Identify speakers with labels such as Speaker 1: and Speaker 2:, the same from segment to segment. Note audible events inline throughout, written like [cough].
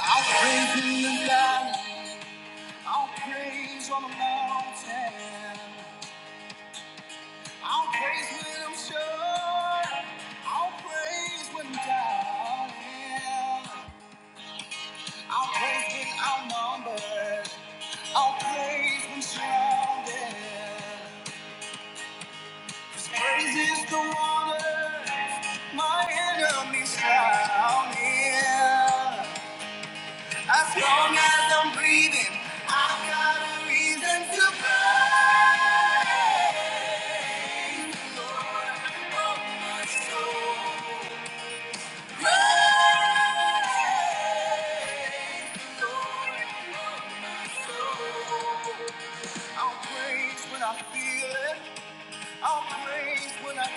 Speaker 1: I'll praise in the valley. I'll praise on the mountain. I'll praise when I'm sure. I'll praise when I'm doubting. I'll praise when outnumbered. I'll praise when surrounded. Praise is the water my enemies drown in. As long as I'm breathing, I've got a reason to pray. Pray. I'll praise when I feel it. I'll praise when I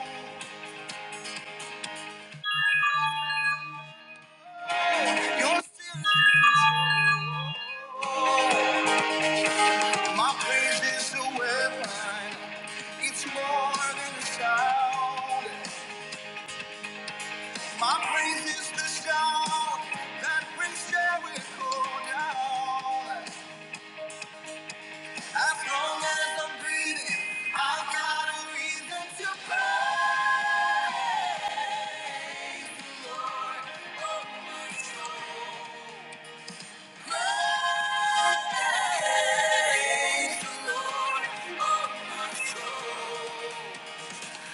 Speaker 1: don't. You're still in control. My praise is a weapon. It's more than a sound. My praise is the sound that brings Jericho down. As long as I'm breathing, I've got a reason to pray.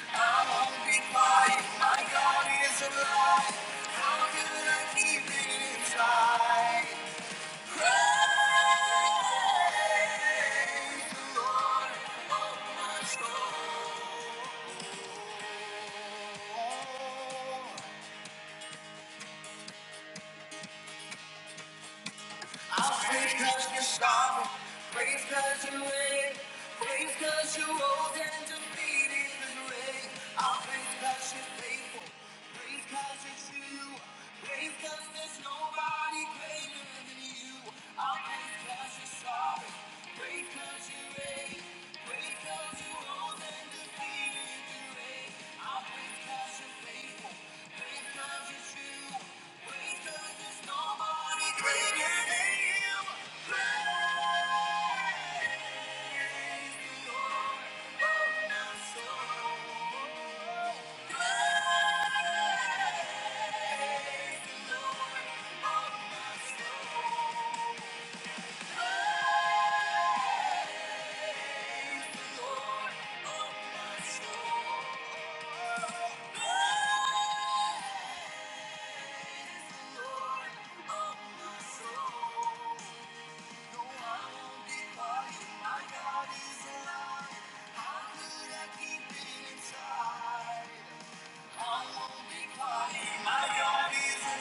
Speaker 1: I won't be quiet. My God is alive. How can I keep it inside? Praise the Lord. I'll praise cause you're strong. Praise cause you reign. Praise cause you old and defeated the grave. I'll praise cause you're faithful. Praise cause you're true. Praise cause there's nobody greater than you. I'll praise cause Thank you. My God is alive. How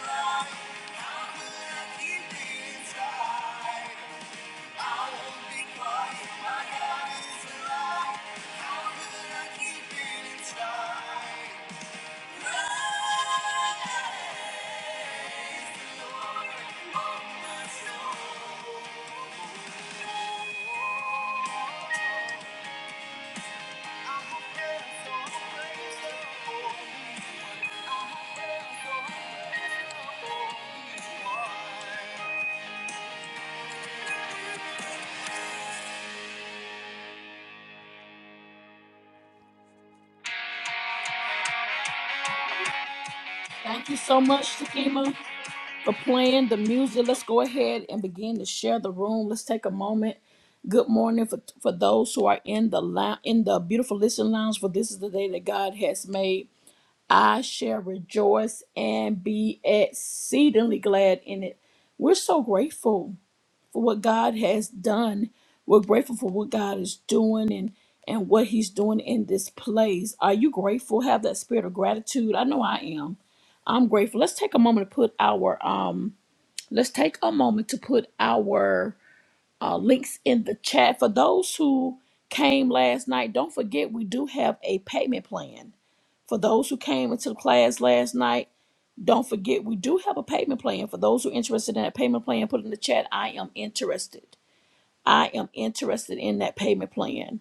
Speaker 1: could I keep it inside? so so
Speaker 2: All right. Thank you so much, Takima, for playing the music. Let's go ahead and begin to share the room. Let's take a moment. Good morning for, for those who are in the lou- in the beautiful listening lounge. For this is the day that God has made. I shall rejoice and be exceedingly glad in it. We're so grateful for what God has done. We're grateful for what God is doing and and what He's doing in this place. Are you grateful? Have that spirit of gratitude. I know I am. I'm grateful. Let's take a moment to put our um. Let's take a moment to put our uh, links in the chat for those who came last night. Don't forget we do have a payment plan for those who came into the class last night. Don't forget we do have a payment plan for those who are interested in that payment plan. Put in the chat. I am interested I am interested in that payment plan.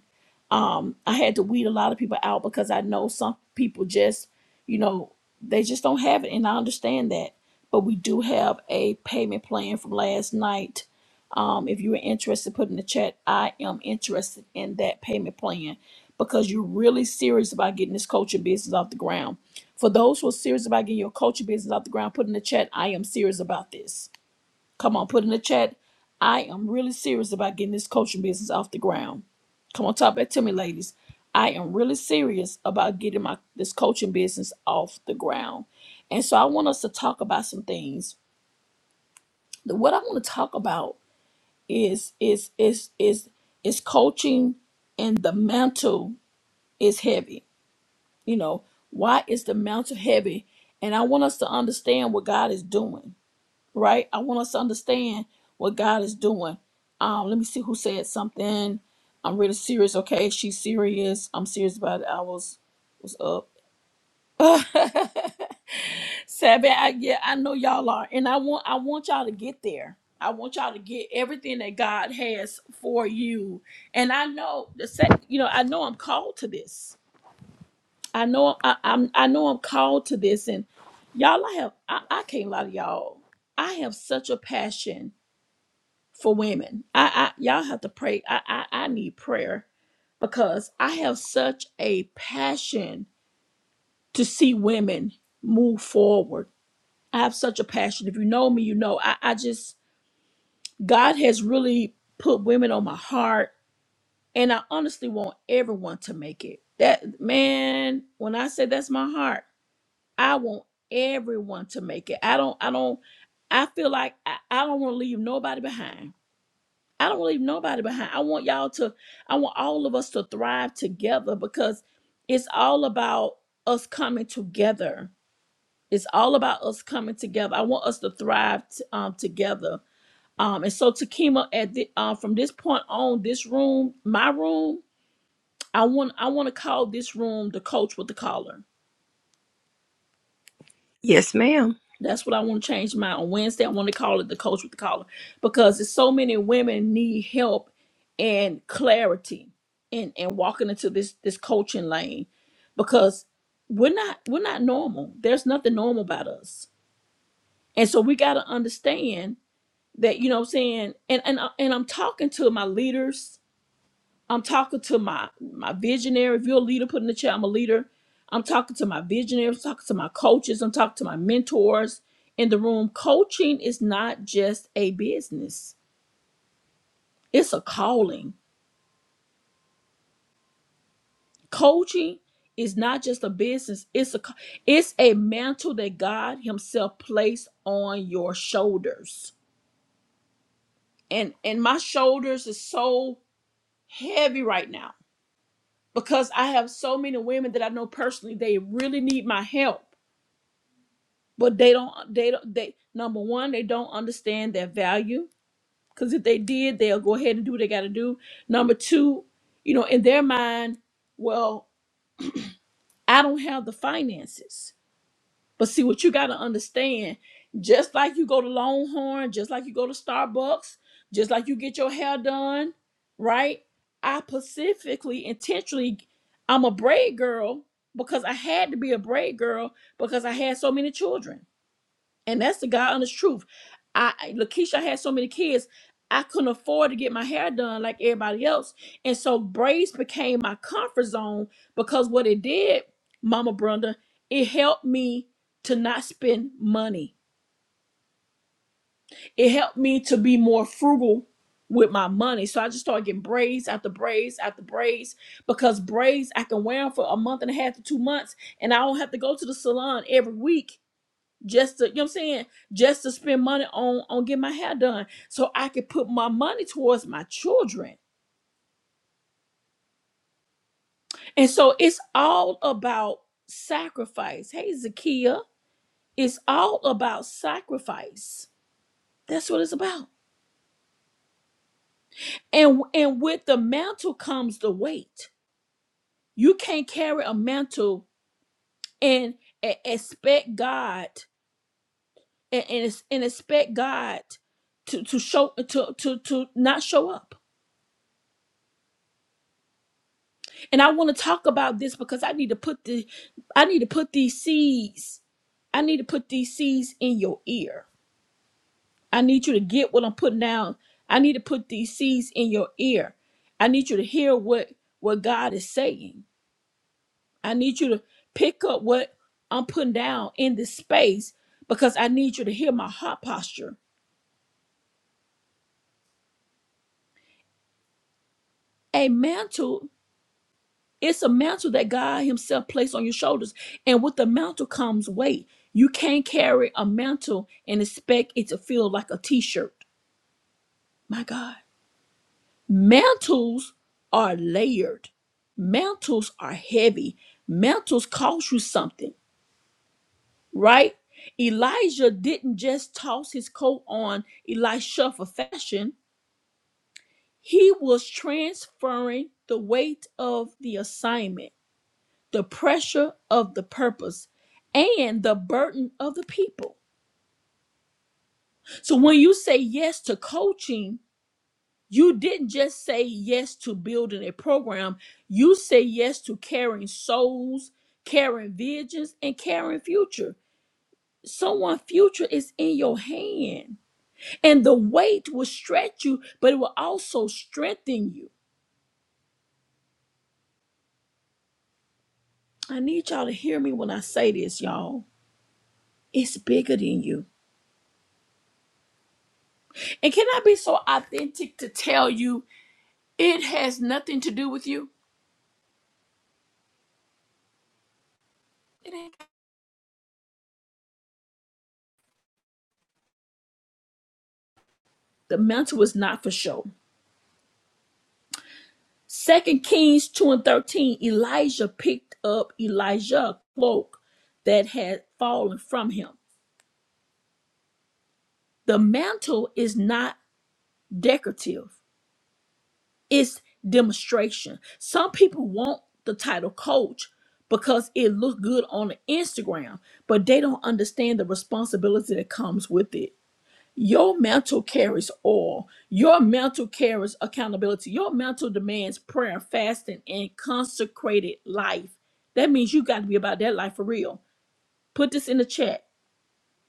Speaker 2: Um, I had to weed a lot of people out because I know some people just, you know, they just don't have it, and I understand that. But we do have a payment plan from last night. Um, if you are interested, put in the chat. I am interested in that payment plan because you're really serious about getting this coaching business off the ground. For those who are serious about getting your coaching business off the ground, put in the chat. I am serious about this Come on, put in the chat. I am really serious about getting this coaching business off the ground. Come on, talk back to me, ladies. I am really serious about getting my this coaching business off the ground. And so I want us to talk about some things. The- What I want to talk about is is is is is coaching and the mantle is heavy. You know, why is the mantle heavy? And I want us to understand what God is doing right? I want us to understand what God is doing. Um, let me see who said something. I'm really serious. Okay, she's serious. I'm serious about it. I was was up. [laughs] Sabbath, I, yeah, I know y'all are, and I want I want y'all to get there. I want y'all to get everything that God has for you. And I know the sec, you know, I know I'm called to this. I know I, I'm I know I'm called to this, and y'all, I have I, I can't lie to y'all. I have such a passion for women. I, I y'all have to pray. I, I I need prayer because I have such a passion to see women move forward. I have such a passion. If you know me, you know I, I just God has really put women on my heart and I honestly want everyone to make it. That man, when I say that's my heart, I want everyone to make it. I don't I don't I feel like I, I don't want to leave nobody behind I don't leave nobody behind. I want y'all to, I want all of us to thrive together because it's all about us coming together. It's all about us coming together. I want us to thrive t- um, together. Um, and so Takima, at the, uh, from this point on, this room, my room, I want I want to call this room the coach with the collar
Speaker 1: Yes, ma'am.
Speaker 2: That's what I want to change mine on Wednesday. I want to call it the coach with the collar because there's so many women need help and clarity and and walking into this this coaching lane because we're not we're not normal. There's nothing normal about us, and so we got to understand that you know what I'm saying. And and I- and I'm talking to my leaders I'm talking to my my visionary. If you're a leader, put in the chat. I'm a leader. I'm talking to my visionaries. I'm talking to my coaches. I'm talking to my mentors in the room. Coaching is not just a business. It's a calling. Coaching is not just a business. It's a ca- it's a mantle that God Himself placed on your shoulders. And and my shoulders is so heavy right now because I have so many women that I know personally. They really need my help but they don't they don't they number one they don't understand their value because if they did they'll go ahead and do what they got to do number two you know in their mind well i don't have the finances but see what you got to understand just like you go to longhorn just like you go to starbucks just like you get your hair done right i specifically intentionally i'm a braid girl because i had to be a braid girl because i had so many children and that's the God honest truth. I I- Lakeisha had so many kids, I couldn't afford to get my hair done like everybody else. And so braids became my comfort zone because what it did, Mama Brenda, it helped me to not spend money. It helped me to be more frugal with my money. So I just started getting braids after braids after braids because braids I can wear them for a month and a half to two months and I don't have to go to the salon every week just to you know what I'm saying, just to spend money on on get my hair done so I could put my money towards my children. And so it's all about sacrifice. Hey Zakia, it's all about sacrifice. That's what it's about. And and with the mantle comes the weight. You can't carry a mantle and, and expect God and, and, and expect God to, to show to, to to not show up And I want to talk about this because I need to put the I need to put these seeds. I need to put these seeds in your ear. I need you to get what I'm putting down. I need to put these seeds in your ear. I need you to hear what what God is saying. I need you to pick up what I'm putting down in this space because I need you to hear my heart posture. A mantle. It's a mantle that God Himself placed on your shoulders. And with the mantle comes weight. You can't carry a mantle and expect it to feel like a t shirt. My God. Mantles are layered, mantles are heavy, mantles cost you something, right? Elijah didn't just toss his coat on Elisha for fashion, he was transferring the weight of the assignment. the pressure of the purpose, and the burden of the people. So when you say yes to coaching, you didn't just say yes to building a program, you say yes to carrying souls, carrying visions, and carrying future. Someone's future is in your hand, and the weight will stretch you, but it will also strengthen you. I need y'all to hear me when I say this, y'all. It's bigger than you. And can I be so authentic to tell you It has nothing to do with you. It ain't. The mantle was not for show. Second Kings 2 and 13, Elijah picked up Elijah's cloak that had fallen from him. The mantle is not decorative, it's demonstration. Some people want the title coach because it looks good on Instagram, but they don't understand the responsibility that comes with it. Your mantle carries all. Your mantle carries accountability. Your mantle demands prayer, fasting, and consecrated life. That means you got to be about that life for real. Put this in the chat.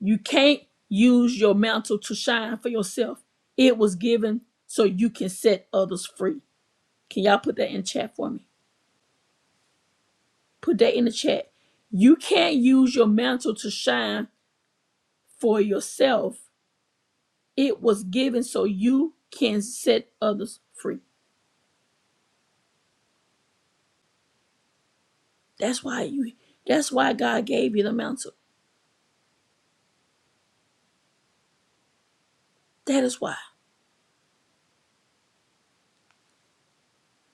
Speaker 2: You can't use your mantle to shine for yourself. It was given so you can set others free. Can y'all put that in chat for me? Put that in the chat. You can't use your mantle to shine for yourself. It was given so you can set others free. That's why you that's why God gave you the mantle. That is why.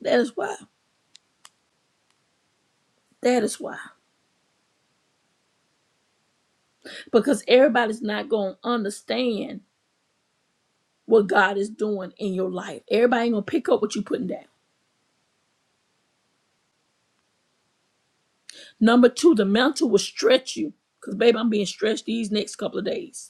Speaker 2: That is why. That is why. Because everybody's not gonna understand what God is doing in your life. Everybody ain't gonna pick up what you're putting down. Number two, the mantle will stretch you. Because baby, I'm being stretched these next couple of days.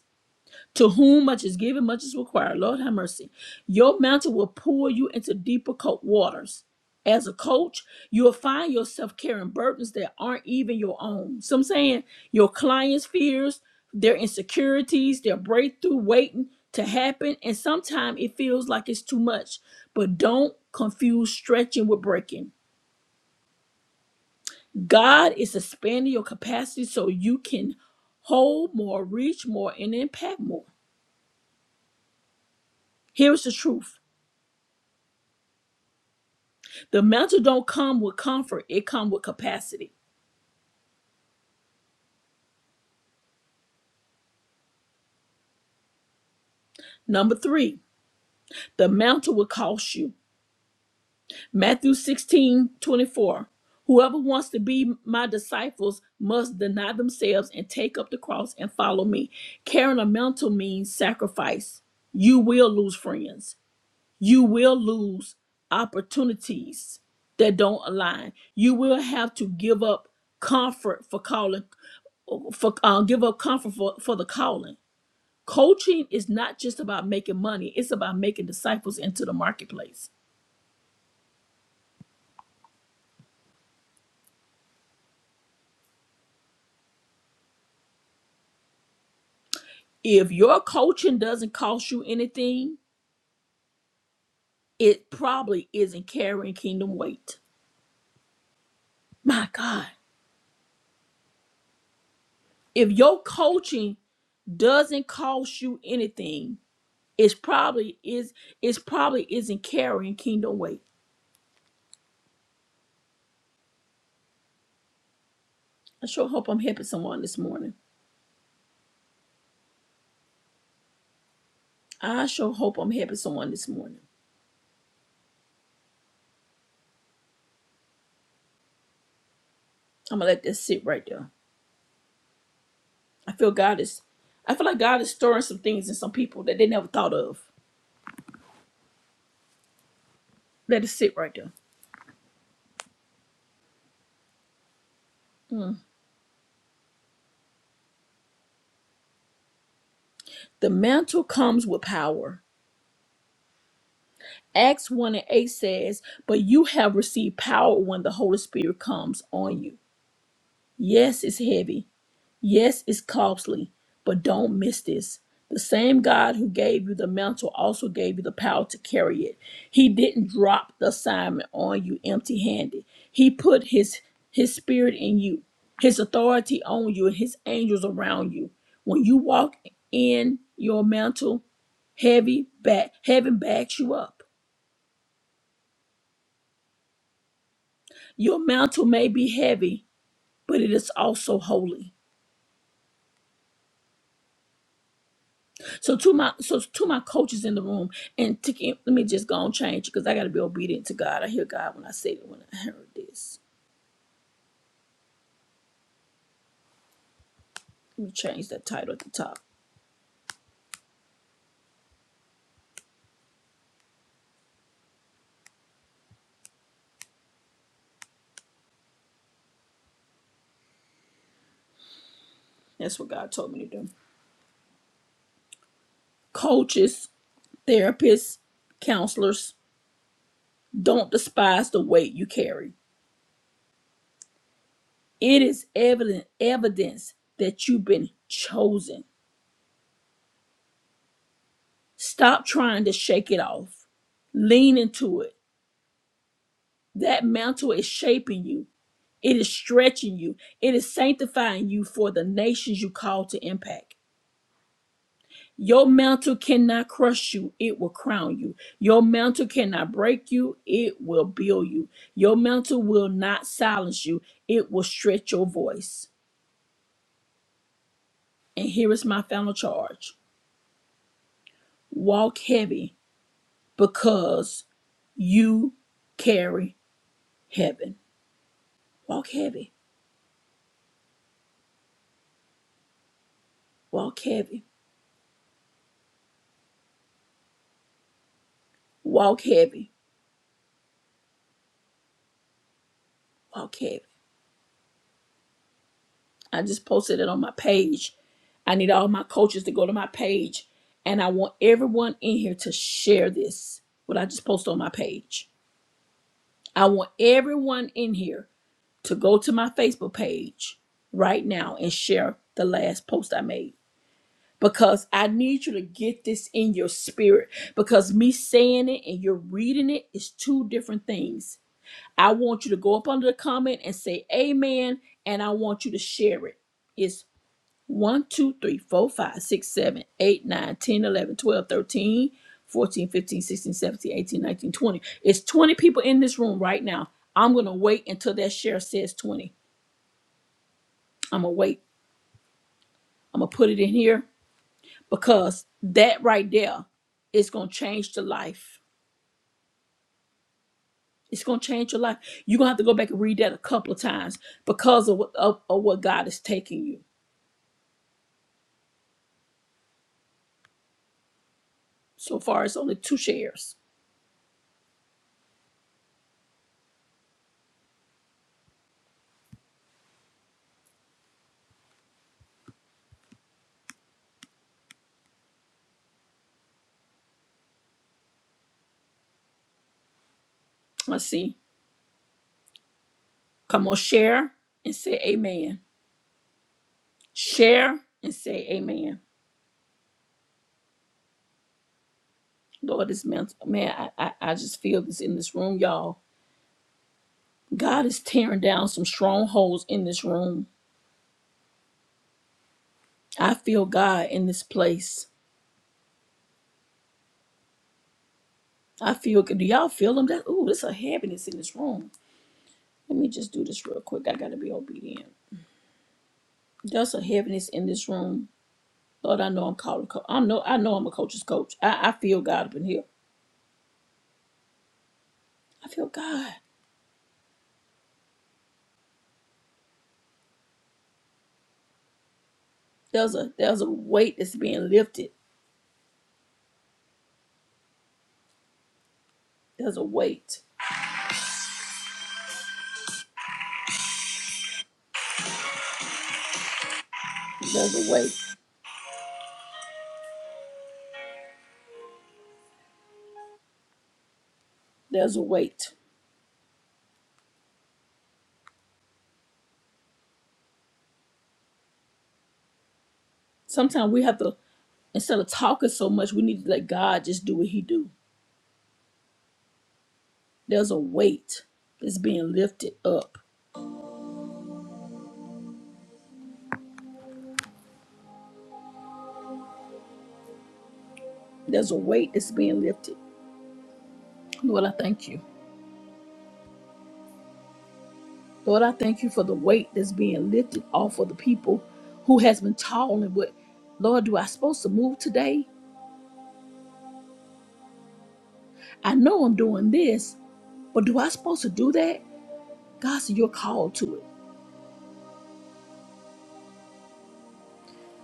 Speaker 2: To whom much is given, much is required. Lord have mercy. Your mantle will pull you into deeper cold waters. As a coach, you'll find yourself carrying burdens that aren't even your own. So I'm saying your clients' fears, their insecurities, their breakthrough waiting to happen. And sometimes it feels like it's too much. But don't confuse stretching with breaking. God is expanding your capacity so you can hold more, reach more, and impact more. Here's the truth The mantle don't come with comfort, it comes with capacity. Number three, the mantle will cost you. Matthew 16 24: Whoever wants to be my disciples must deny themselves and take up the cross and follow me. Carrying a mantle means sacrifice. You will lose friends. You will lose opportunities that don't align. You will have to give up comfort for calling, for uh, give up comfort for, for the calling Coaching is not just about making money, it's about making disciples into the marketplace. If your coaching doesn't cost you anything, it probably isn't carrying kingdom weight. My God. If your coaching doesn't cost you anything, it's probably is it's probably isn't carrying kingdom weight. I sure hope I'm helping someone this morning. I sure hope I'm helping someone this morning. I'm gonna let this sit right there. I feel God is I feel like God is stirring some things in some people that they never thought of. Let it sit right there. Mm. The mantle comes with power. Acts 1 and 8 says, But you have received power when the Holy Spirit comes on you. Yes, it's heavy. Yes, it's costly. But don't miss this. The same God who gave you the mantle also gave you the power to carry it. He didn't drop the assignment on you empty handed. He put his his spirit in you, his authority on you, and his angels around you. When you walk in your mantle, Heavy back, heaven backs you up. Your mantle may be heavy, but it is also holy. So to my so to my coaches in the room, and to, keep- let me just go and change because I got to be obedient to God. I hear God when I say it. when I heard this. Let me change that title at the top. That's what God told me to do. Coaches, therapists, counselors, don't despise the weight you carry. It is evident evidence that you've been chosen Stop trying to shake it off. Lean into it. That mantle is shaping you, it is stretching you, it is sanctifying you for the nations you call to impact. Your mantle cannot crush you, it will crown you. Your mantle cannot break you, it will build you. Your mantle will not silence you, it will stretch your voice. And here is my final charge walk heavy because you carry heaven. Walk heavy. Walk heavy, walk heavy, walk heavy. I just posted it on my page. I need all my coaches to go to my page, and I want everyone in here to share this, what I just posted on my page. I want everyone in here to go to my Facebook page right now and share the last post I made because I need you to get this in your spirit because me saying it and you're reading it is two different things I want you to go up under the comment and say amen, and I want you to share it. It's one, 2, 3, 4, 5, 6, 7, 8, 9, 10, 11, 12, 13, 14, 15, 16, 17, 18, 19, 20. It's 20 people in this room right now. I'm going to wait until that share says 20. I'm going to wait. I'm going to put it in here because that right there is going to change the life. It's going to change your life. You're going to have to go back and read that a couple of times because of what, of, of what God is taking you. So far, it's only two shares. Let's see. Come on, share and say amen. Share and say amen. Lord, this man, man I, I, I just feel this in this room, y'all. God is tearing down some strongholds in this room. I feel God in this place. I feel, do y'all feel him? That, ooh, there's a heaviness in this room. Let me just do this real quick. I gotta be obedient. There's a heaviness in this room. Lord, I know I'm called. a co- I know, I know I'm a coach's coach. I, I feel God up in here. I feel God. There's a there's a weight that's being lifted. There's a weight. There's a weight. There's a weight. Sometimes we have to instead of talking so much, we need to let God just do what He do. There's a weight that's being lifted up. There's a weight that's being lifted. Lord, I thank you. Lord, I thank you for the weight that's being lifted off of the people who has been toiling with. Lord, do I supposed to move today? I know I'm doing this, but do I supposed to do that? God said you're called to it.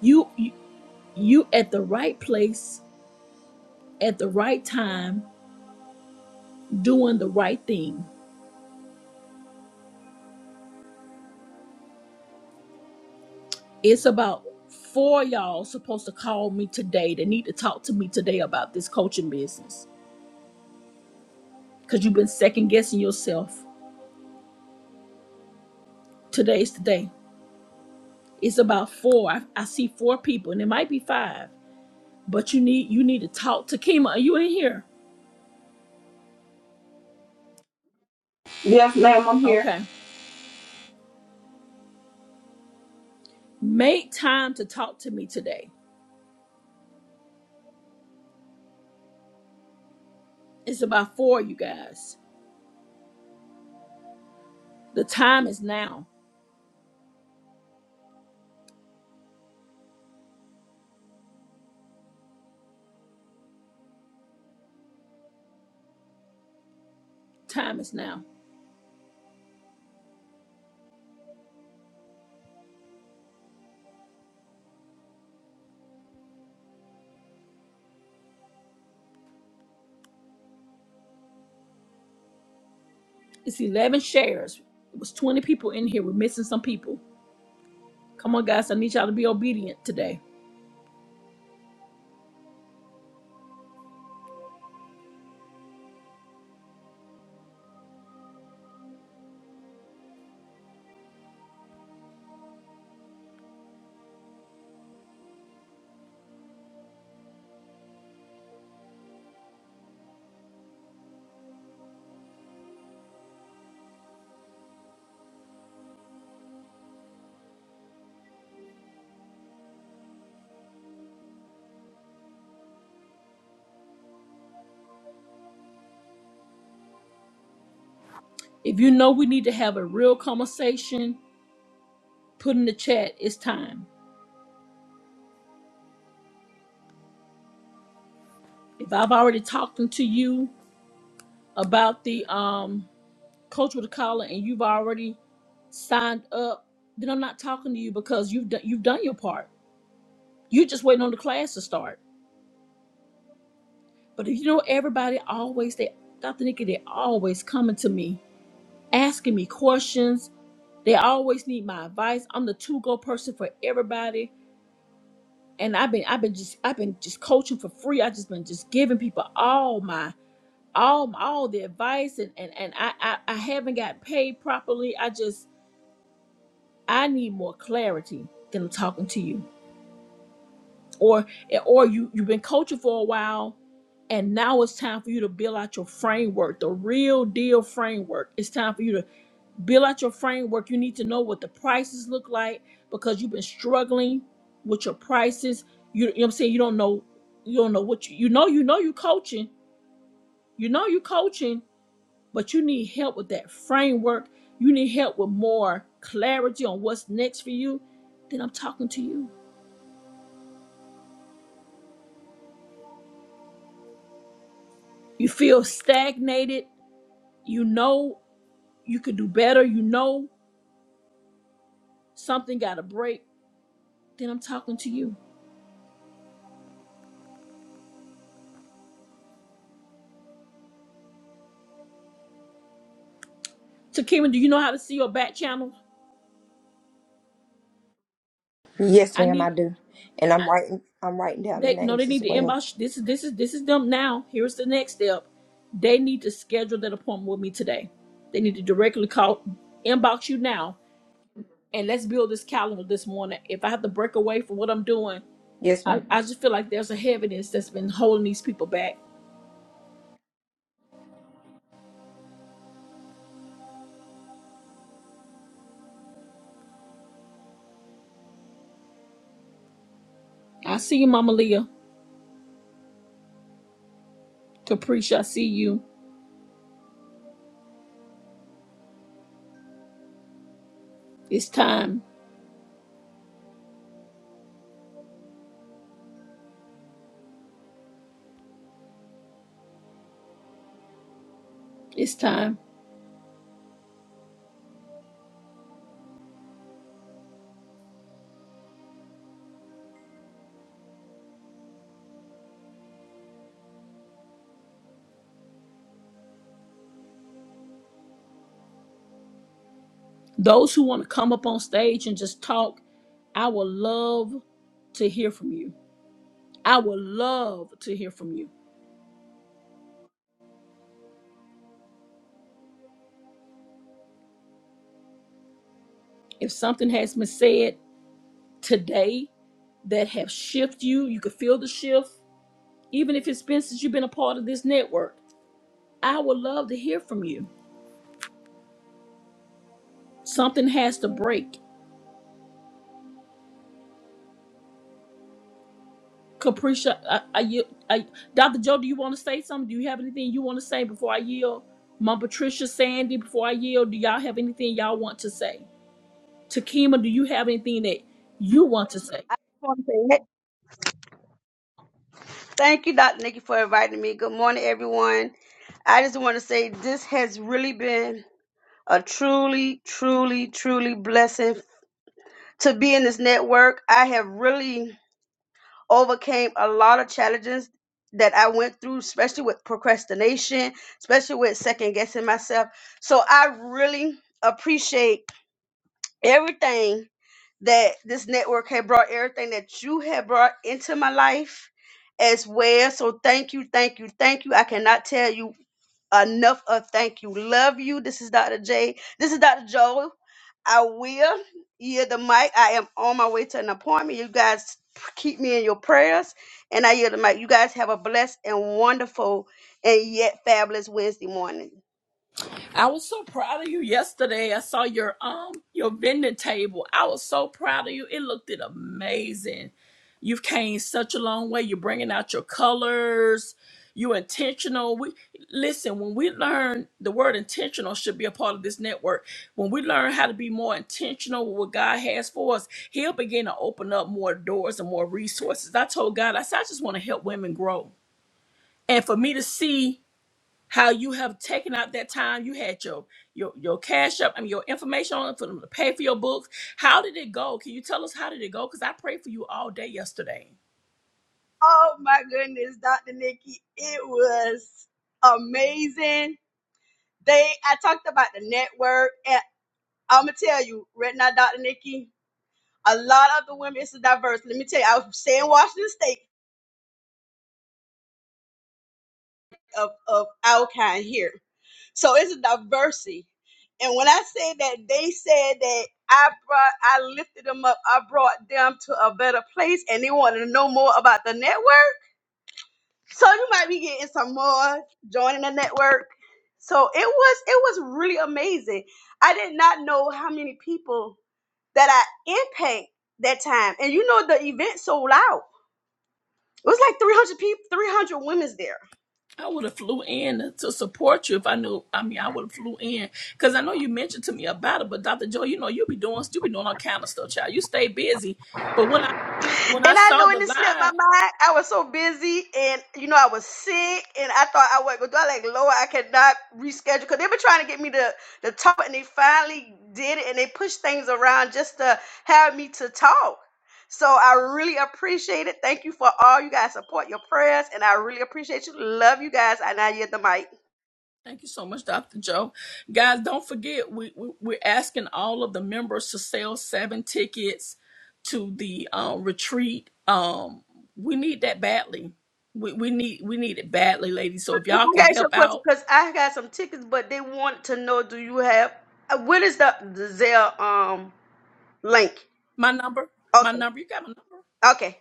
Speaker 2: You, you at the right place at the right time doing the right thing it's about four y'all supposed to call me today they need to talk to me today about this coaching business because you've been second guessing yourself today's the day it's about four I, I see four people and it might be five but you need you need to talk to kima are you in here
Speaker 1: Yes, ma'am, I'm here.
Speaker 2: okay make time to talk to me today it's about four you guys the time is now time is now It's 11 shares. It was 20 people in here. We're missing some people. Come on, guys. I need y'all to be obedient today. If you know we need to have a real conversation, put in the chat. It's time. If I've already talked to you about the um, coach with a collar and you've already signed up, then I'm not talking to you because you've done, you've done your part. You're just waiting on the class to start. But if you know everybody always, they Dr. Nikki, they always coming to me asking me questions They always need my advice. I'm the to-go person for everybody. And I've been I've been just I've been just coaching for free. I've just been just giving people all my all all the advice and and, and I, I I haven't got paid properly. I just I need more clarity than I'm talking to you. Or or you you've been coaching for a while and now it's time for you to build out your framework, the real deal framework. It's time for you to build out your framework you need to know what the prices look like because you've been struggling with your prices you, you know what i'm saying you don't know you don't know what you, you know you know you are coaching you know you are coaching but you need help with that framework you need help with more clarity on what's next for you then i'm talking to you you feel stagnated you know you could do better you know something got to break then i'm talking to you so Kimmy, do you know how to see your back channel
Speaker 1: Yes,
Speaker 2: i
Speaker 1: ma'am,
Speaker 2: need
Speaker 1: I do. And I'm writing I'm writing down the
Speaker 2: They no, they
Speaker 1: names as
Speaker 2: need to
Speaker 1: well.
Speaker 2: inbox. This is this is this is them now. Here's the next step. They need to schedule that appointment with me today. They need to directly call, inbox you now, and let's build this calendar this morning. If I have to break away from what I'm doing,
Speaker 1: Yes,
Speaker 2: I,
Speaker 1: ma'am.
Speaker 2: I just feel like there's a heaviness that's been holding these people back. I see you, Mama Leah. Capricia, I see you. It's time. It's time. Those who want to come up on stage and just talk, I would love to hear from you. I would love to hear from you. If something has been said today that have shifted you, you could feel the shift, even if it's been since you've been a part of this network. I would love to hear from you. Something has to break. Capricia, I, I, yield- I, Dr. Joe, do you want to say something? Do you have anything you want to say before I yield? Mom Patricia, Sandy, before I yield, do y'all have anything y'all want to say? Takima, do you have anything that you want to say?
Speaker 3: I just want to say hey, thank you, Dr. Nikki, for inviting me. Good morning, everyone. I just want to say this has really been a truly, truly, truly blessing to be in this network. I have really overcame a lot of challenges that I went through, especially with procrastination, especially with second guessing myself. So I really appreciate everything that this network had brought everything that you had brought into my life as well. So thank you, thank you, thank you. I cannot tell you enough of thank you. Love you. This is Dr. J. This is Dr. Joel. I will yield the mic. I am on my way to an appointment. You guys keep me in your prayers. And I yield the mic. You guys have a blessed and wonderful and yet fabulous Wednesday morning.
Speaker 2: I was so proud of you yesterday. I saw your um your vending table. I was so proud of you. It looked it amazing. You've came such a long way. You're bringing out your colors. You intentional. We listen when we learn the word intentional should be a part of this network. When we learn how to be more intentional with what God has for us, He'll begin to open up more doors and more resources. I told God, I said, I just want to help women grow, and for me to see how you have taken out that time you had your your your cash up i mean your information on it for them to pay for your books how did it go can you tell us how did it go because i prayed for you all day yesterday
Speaker 3: Oh my goodness, Dr. Nikki, it was amazing they I talked about the network and I'ma tell you right now, Dr. Nikki, a lot of the women it's diverse. Let me tell you, I was saying Washington State of, of our kind here. So it's a diversity. And when I say that they said that I brought I lifted them up, I brought them to a better place and they wanted to know more about the network. So you might be getting some more joining the network. So it was it was really amazing. I did not know how many people that I impact that time. And you know the event sold out. It was like 300 people, 300 women's there.
Speaker 2: i would have flew in to support you if i knew i mean i would have flew in because i know you mentioned to me about it but dr Joy, you know you be doing you be doing all kind of stuff child you stay busy but when i when i
Speaker 3: And I
Speaker 2: saw
Speaker 3: know,
Speaker 2: the
Speaker 3: and it slipped
Speaker 2: live
Speaker 3: my mind. I was so busy, and you know, I was sick, and I thought I wasn't going would go. I like, Lord, I cannot reschedule because they've been trying to get me to to talk, and they finally did it, and they pushed things around just to have me to talk. So I really appreciate it. Thank you for all you guys support, your prayers, and I really appreciate you. Love you guys. And I yield the mic.
Speaker 2: Thank you so much, Dr. Joe. Guys, don't forget, we, we, we're asking all of the members to sell seven tickets to the um, retreat. Um, we need that badly. We, we need we need it badly, ladies. So if y'all
Speaker 3: I
Speaker 2: can
Speaker 3: got you a
Speaker 2: help
Speaker 3: question
Speaker 2: out,
Speaker 3: because I got some tickets, but they want to know: Do you have? uh, What is the the Zelle um link?
Speaker 2: my number, my
Speaker 3: Okay,
Speaker 2: number, you got my
Speaker 3: okay,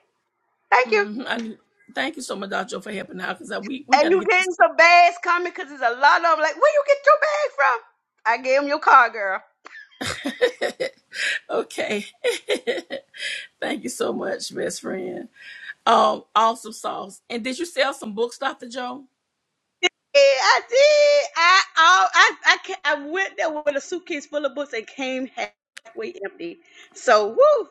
Speaker 3: thank you.
Speaker 2: number. hmm I need, thank you so much, Dr. Joe, for helping out because we, we
Speaker 3: And
Speaker 2: got to
Speaker 3: you
Speaker 2: get
Speaker 3: getting some bags coming? Cause there's a lot of 'em. Like, where you get your bag from? I gave him your car, girl.
Speaker 2: this. [laughs] okay. Thank you so much, best friend. Um, awesome sauce. And did you sell some books, Dr. Joe?
Speaker 3: Yeah, I did. I all I I, ca- I went there with a suitcase full of books and came halfway empty. So woo,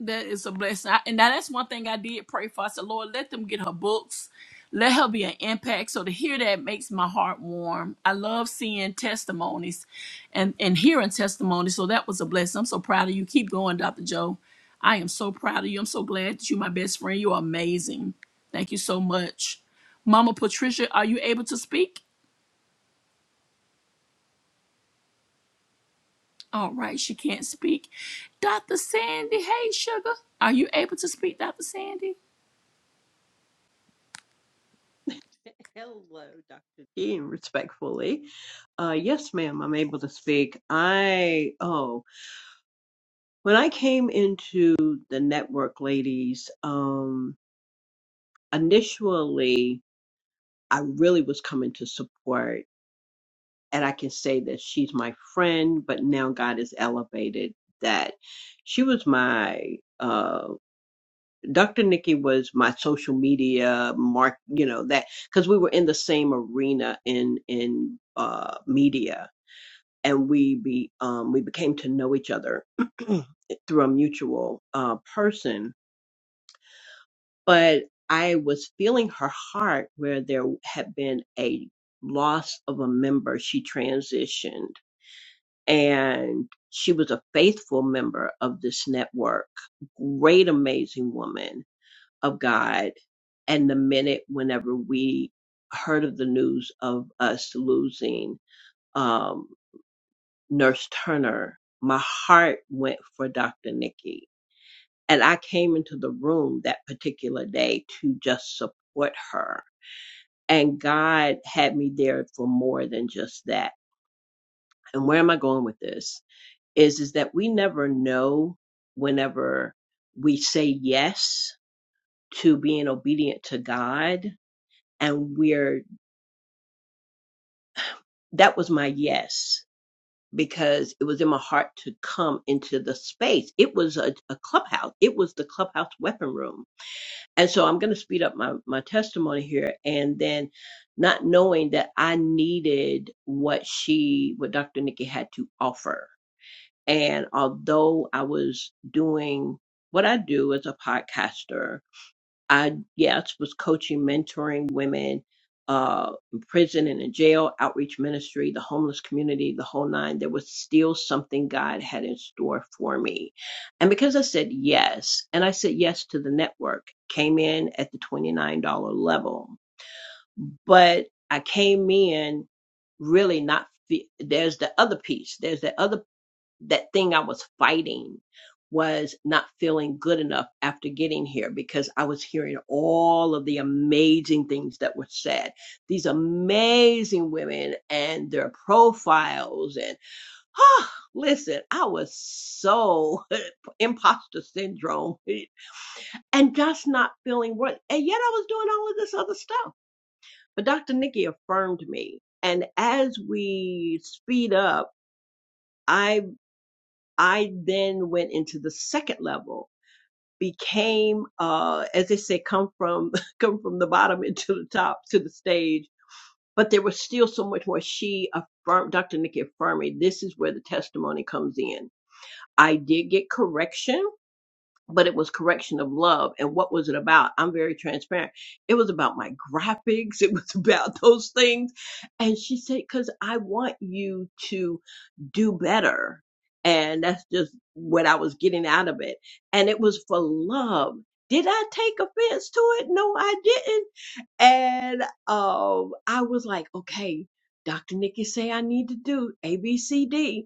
Speaker 2: That is a blessing. I, and now that's one thing I did pray for. I said, Lord, let them get her books. Let her be an impact. So to hear that makes my heart warm. I love seeing testimonies and, and hearing testimonies. So that was a blessing. I'm so proud of you. Keep going, Dr. Joe. I am so proud of you. I'm so glad that you're my best friend. You are amazing. Thank you so much. Mama Patricia, are you able to speak? All right, she can't speak. Dr. Sandy, hey, sugar. Are you able to speak, Dr. Sandy?
Speaker 4: [laughs] Hello, Dr. Dean, respectfully. Uh, yes, ma'am, I'm able to speak. I, oh, when I came into the network, ladies, um, initially, I really was coming to support, and I can say that she's my friend, but now God has elevated that. She was my, uh, Dr. Nikki was my social media mark, you know, that, because we were in the same arena in, in, uh, media and we be um, we became to know each other [clears throat] through a mutual uh, person. But I was feeling her heart where there had been a loss of a member. She transitioned, and she was a faithful member of this network. Great, amazing woman of God. And the minute whenever we heard of the news of us losing. um, Nurse Turner, my heart went for Dr. Nikki. And I came into the room that particular day to just support her. And God had me there for more than just that. And where am I going with this? Is is that we never know whenever we say yes to being obedient to God and we're that was my yes because it was in my heart to come into the space. It was a, a clubhouse. It was the clubhouse weapon room. And so I'm going to speed up my, my testimony here. And then not knowing that I needed what she, what Dr. Nikki had to offer. And although I was doing what I do as a podcaster, I yes was coaching, mentoring women uh, in prison and in jail, outreach ministry, the homeless community, the whole nine. There was still something God had in store for me, and because I said yes, and I said yes to the network, came in at the twenty nine dollar level, but I came in really not. fe- There's the other piece. There's that other that thing I was fighting was not feeling good enough after getting here because I was hearing all of the amazing things that were said. These amazing women and their profiles and ah, listen, I was so [laughs] imposter syndrome [laughs] and just not feeling worth and yet I was doing all of this other stuff. But Dr. Nikki affirmed me. And as we speed up, I've. I then went into the second level, became, uh, as they say, come from [laughs] come from the bottom [laughs] into the top to the stage. But there was still so much more. She affirmed, Dr. Nikki affirmed, me, this is where the testimony comes in. I did get correction but it was correction of love. And what was it about? I'm very transparent. It was about my graphics. [laughs] It was about [laughs] those things. And she said, cause I want you to do better. And that's just what I was getting out of it. And it was for love. Did I take offense to it? No, I didn't. And um, I was like, okay, Dr. Nikki say I need to do A, B, C, D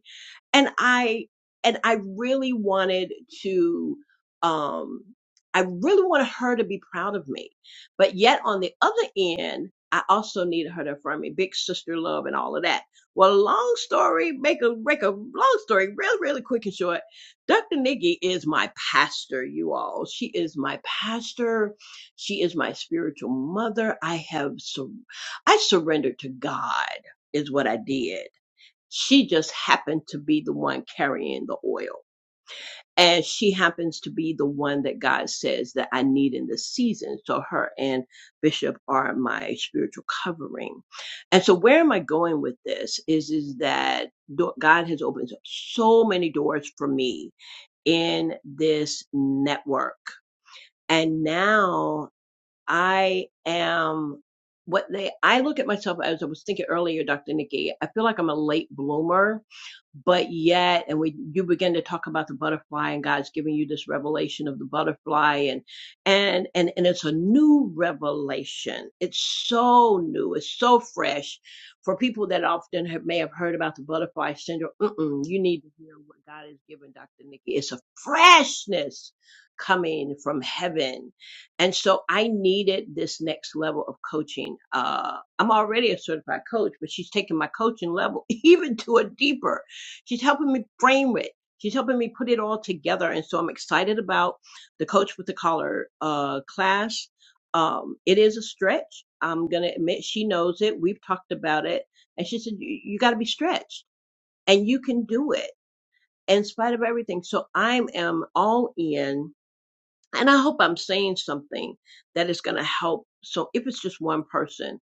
Speaker 4: and I and I really wanted to um I really wanted her to be proud of me. But yet on the other end, I also needed her to affirm me, big sister love and all of that. Well, long story, make a make a long story real, really quick and short. Dr. Nikki is my pastor, you all. She is my pastor. She is my spiritual mother. I have sur- I surrendered to God is what I did. She just happened to be the one carrying the oil. And she happens to be the one that God says that I need in this season. So her and Bishop are my spiritual covering. And so where am I going with this is, is that do- God has opened up so many doors for me in this network. And now I am what they I look at myself as I was thinking earlier, Dr. Nikki, I feel like I'm a late bloomer, but yet and we you begin to talk about the butterfly and God's giving you this revelation of the butterfly and and and and it's a new revelation. It's so new, it's so fresh for people that often have, may have heard about the butterfly syndrome. Mm-mm, you need to hear what God has given Dr. Nikki. It's a freshness coming from heaven and so I needed this next level of coaching. Uh, I'm already a certified coach, but she's taking my coaching level [laughs] even to a deeper. She's helping me frame it. She's helping me put it all together. And so I'm excited about the Coach with the Collar uh, class. Um, it is a stretch. I'm going to admit she knows it. We've talked about it. And she said, you, you got to be stretched and you can do it in spite of everything. So I am all in and I hope I'm saying something that is going to help. So if it's just one person,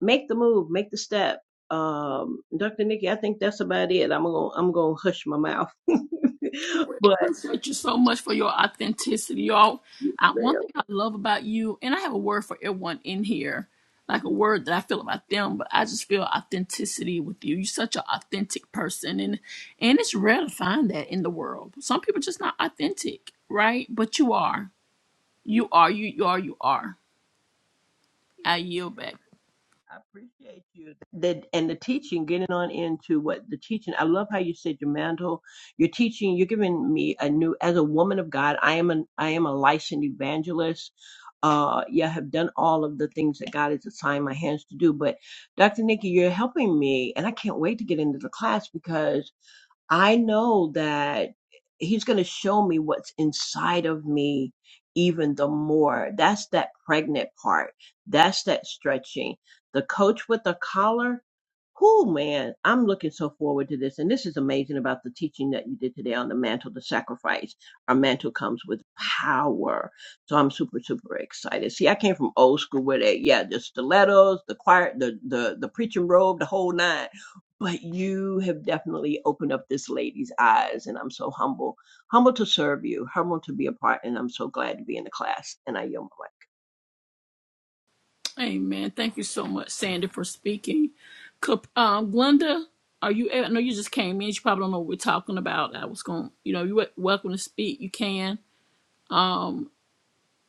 Speaker 4: make the move, make the step. Um, Dr. Nikki, I think that's about it. I'm gonna I'm gonna hush my mouth, [laughs] but
Speaker 2: Appreciate you so much for your authenticity, y'all. I, one thing I love about you, and I have a word for everyone in here, like a word that I feel about them, but I just feel authenticity with you. You're such an authentic person, and and it's rare to find that in the world. Some people just not authentic, right? But you are. You are. You, you are. You are. I yield back.
Speaker 4: I appreciate you that and the teaching, getting on into what the teaching. I love how you said your mantle, your teaching. You're giving me a new as a woman of God. I am an I am a licensed evangelist. Uh, yeah, I have done all of the things that God has assigned my hands to do. But Dr. Nikki, you're helping me, and I can't wait to get into the class because I know that he's going to show me what's inside of me even the more. That's that pregnant part. That's that stretching. The coach with the collar, Cool, man. I'm looking so forward to this. And this is amazing about the teaching that you did today on the mantle the sacrifice. Our mantle comes with power. So I'm super, super excited. See, I came from old school where they, yeah, the stilettos, the choir, the, the, the preaching robe, the whole nine. But you have definitely opened up this lady's eyes. And I'm so humble, humble to serve you, humble to be a part. And I'm so glad to be in the class. And I yield my
Speaker 2: Amen. Thank you so much, Sandy, for speaking. Cap- Um, Glenda, are you? a- I know you just came in. You probably don't know what we're talking about. I was going. You know, you're welcome to speak. You can. Um,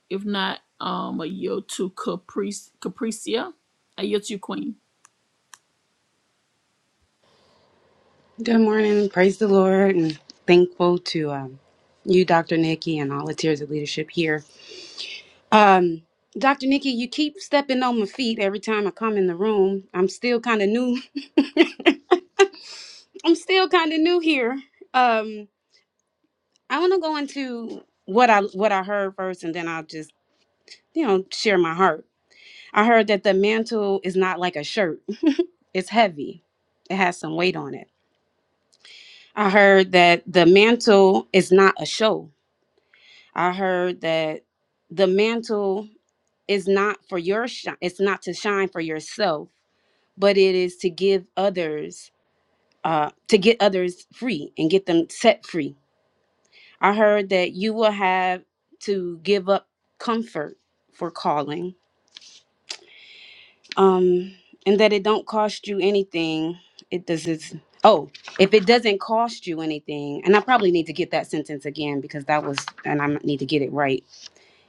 Speaker 2: if not, um, a yield to Caprice, Capricia. I yield to you, Queen.
Speaker 5: Good morning. Praise the Lord and thankful to um, you, Dr. Nikki, and all the tiers of leadership here. Um, Dr. Nikki, you keep stepping on my feet every time I come in the room. I'm still kind of new. [laughs] I'm still kind of new here. Um, I want to go into what I what I heard first, and then I'll just you know share my heart. I heard that the mantle is not like a shirt; [laughs] it's heavy. It has some weight on it. I heard that the mantle is not a show I heard that the mantle is not for your shine. It's not to shine for yourself, but it is to give others, uh, to get others free and get them set free. I heard that you will have to give up comfort for calling, um, and that it don't cost you anything. It does. It's, oh, if it doesn't cost you anything, and I probably need to get that sentence again because that was, and I need to get it right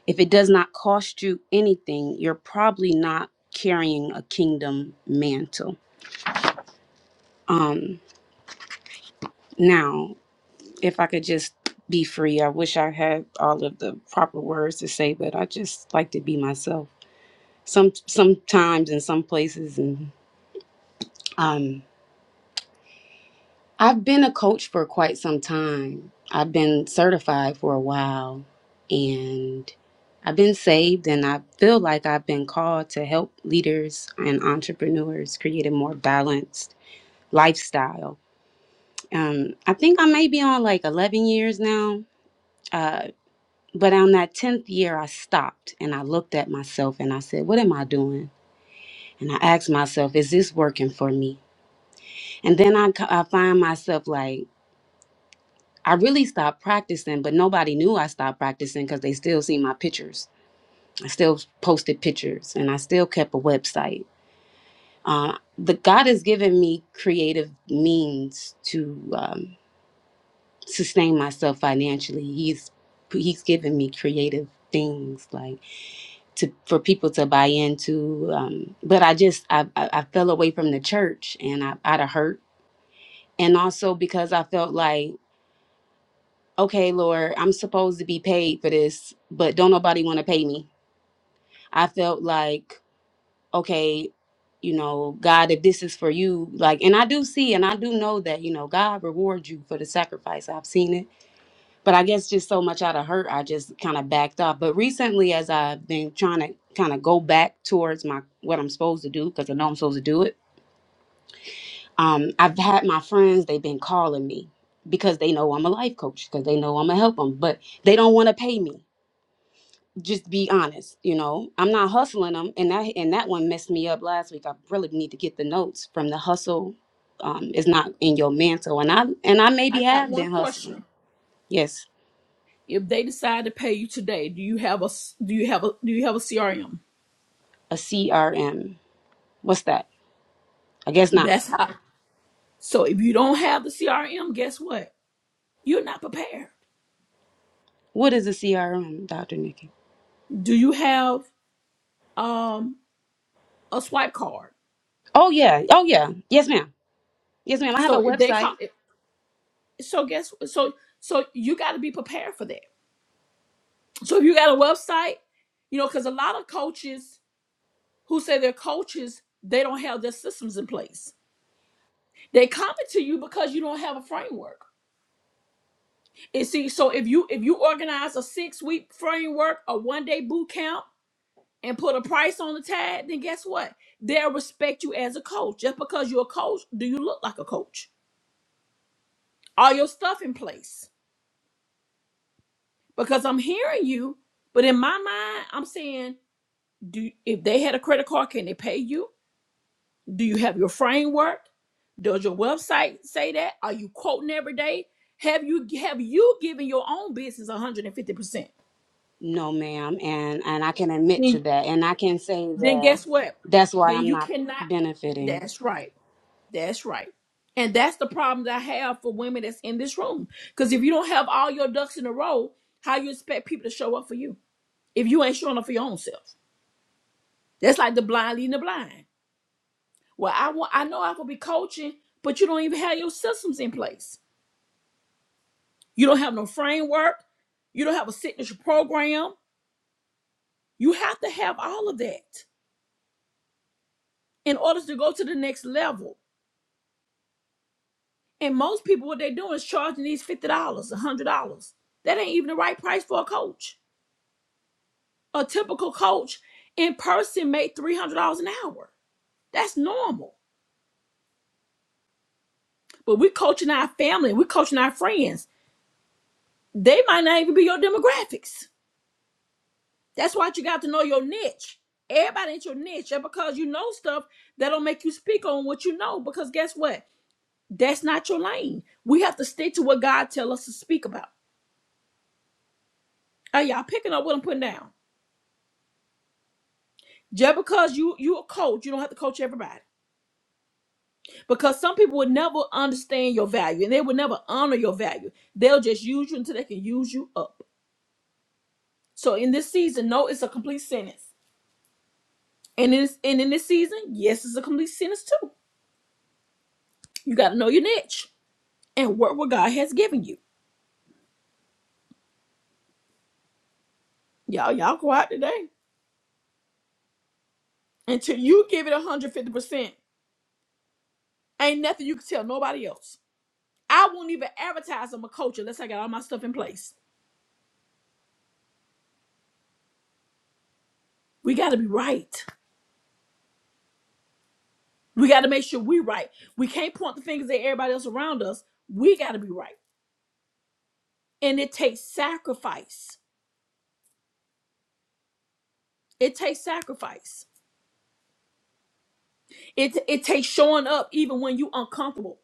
Speaker 5: If it does not cost you anything, you're probably not carrying a kingdom mantle. Um, now, if I could just be free, I wish I had all of the proper words to say, but I just like to be myself. Some sometimes in some places and um I've been a coach for quite some time. I've been certified for a while and I've been saved and I feel like I've been called to help leaders and entrepreneurs create a more balanced lifestyle. Um, I think I may be on like 11 years now, uh, but on that 10th year, I stopped and I looked at myself and I said, What am I doing? And I asked myself, Is this working for me? And then I, c- I find myself like, I really stopped practicing, but nobody knew I stopped practicing because they still see my pictures. I still posted pictures and I still kept a website. Uh, the God has given me creative means to um, sustain myself financially. He's He's given me creative things like to for people to buy into. Um, but I just I, I I fell away from the church and I out of hurt and also because I felt like okay, Lord, I'm supposed to be paid for this, but don't nobody want to pay me. I felt like, okay, you know, God, if this is for you, like, and I do see and I do know that, you know, God rewards you for the sacrifice. I've seen it. But I guess just so much out of hurt, I just kind of backed off. But recently, as I've been trying to kind of go back towards my what I'm supposed to do, because I know I'm supposed to do it, um, I've had my friends, they've been calling me because they know I'm a life coach, because they know I'm going to help them, but they don't want to pay me just be honest you know i'm not hustling them and that and that one messed me up last week i really need to get the notes from the hustle um is not in your mantle and i and i maybe
Speaker 2: I got
Speaker 5: have
Speaker 2: one
Speaker 5: been hustling
Speaker 2: question.
Speaker 5: yes
Speaker 2: If they decide to pay you today, do you have a s- do you have a do you have a CRM?
Speaker 5: a crm what's that i guess not
Speaker 2: That's how. So if you don't have the CRM, guess what? You're not prepared.
Speaker 5: what is a crm dr nikki
Speaker 2: Do you have um a swipe card?
Speaker 5: oh yeah oh yeah yes ma'am yes ma'am i have a
Speaker 2: So if they call
Speaker 5: website
Speaker 2: it, so guess so so you got to be prepared for that. So if you got a website, you know, because a lot of coaches who say they're coaches, they don't have their systems in place. They come to you because you don't have a framework. And see, so if you if you organize a six week framework, a one day boot camp, and put a price on the tag, then guess what? They'll respect you as a coach. Just because you're a coach, do you look like a coach? Are your stuff in place? because I'm hearing you, but in my mind, I'm saying, do if they had a credit card, can they pay you? Do you have your framework? Does your website say that? Are you quoting every day? Have you have you given your own business 150 percent?
Speaker 5: no ma'am and and i can admit to
Speaker 2: Then
Speaker 5: that and i can say
Speaker 2: then
Speaker 5: that
Speaker 2: guess what?
Speaker 5: that's why
Speaker 2: Then
Speaker 5: i'm
Speaker 2: you
Speaker 5: not
Speaker 2: cannot.
Speaker 5: benefiting
Speaker 2: That's right. That's right. And that's the problem that I have for women that's in this room. Because if you don't have all your ducks in a row, how you expect people to show up for you if you ain't showing up for your own self? That's like the blind leading the blind. Well, I want I know I could be coaching, but you don't even have your systems in place. You don't have no framework. You don't have a signature program. You have to have all of that in order to go to the next level. And most people, what they're doing is charging these fifty dollars, a hundred dollars. That ain't even the right price for a coach. A typical coach in person made three hundred dollars an hour. That's normal. But we're coaching our family, we're coaching our friends. They might not even be your demographics That's why you got to know your niche. Everybody ain't your niche. And because you know stuff, that'll make you speak on what you know. Because guess what? That's not your lane. We have to stick to what God tell us to speak about. Are y'all picking up what I'm putting down? Just because you you a coach, you don't have to coach everybody. Because some people would never understand your value and they would never honor your value. They'll just use you until they can use you up. So in this season, no, it's a complete sentence. And in this, and in this season, yes, it's a complete sentence too. You got to know your niche. and work what God has given you. Y'all, y'all quiet today. Until you give it 150%, ain't nothing you can tell nobody else. I won't even advertise on my culture unless I got all my stuff in place. We got to be right. We got to make sure we're right. We can't point the fingers at everybody else around us. We got to be right. And it takes sacrifice. It takes sacrifice. It, it takes showing up even when you uncomfortable.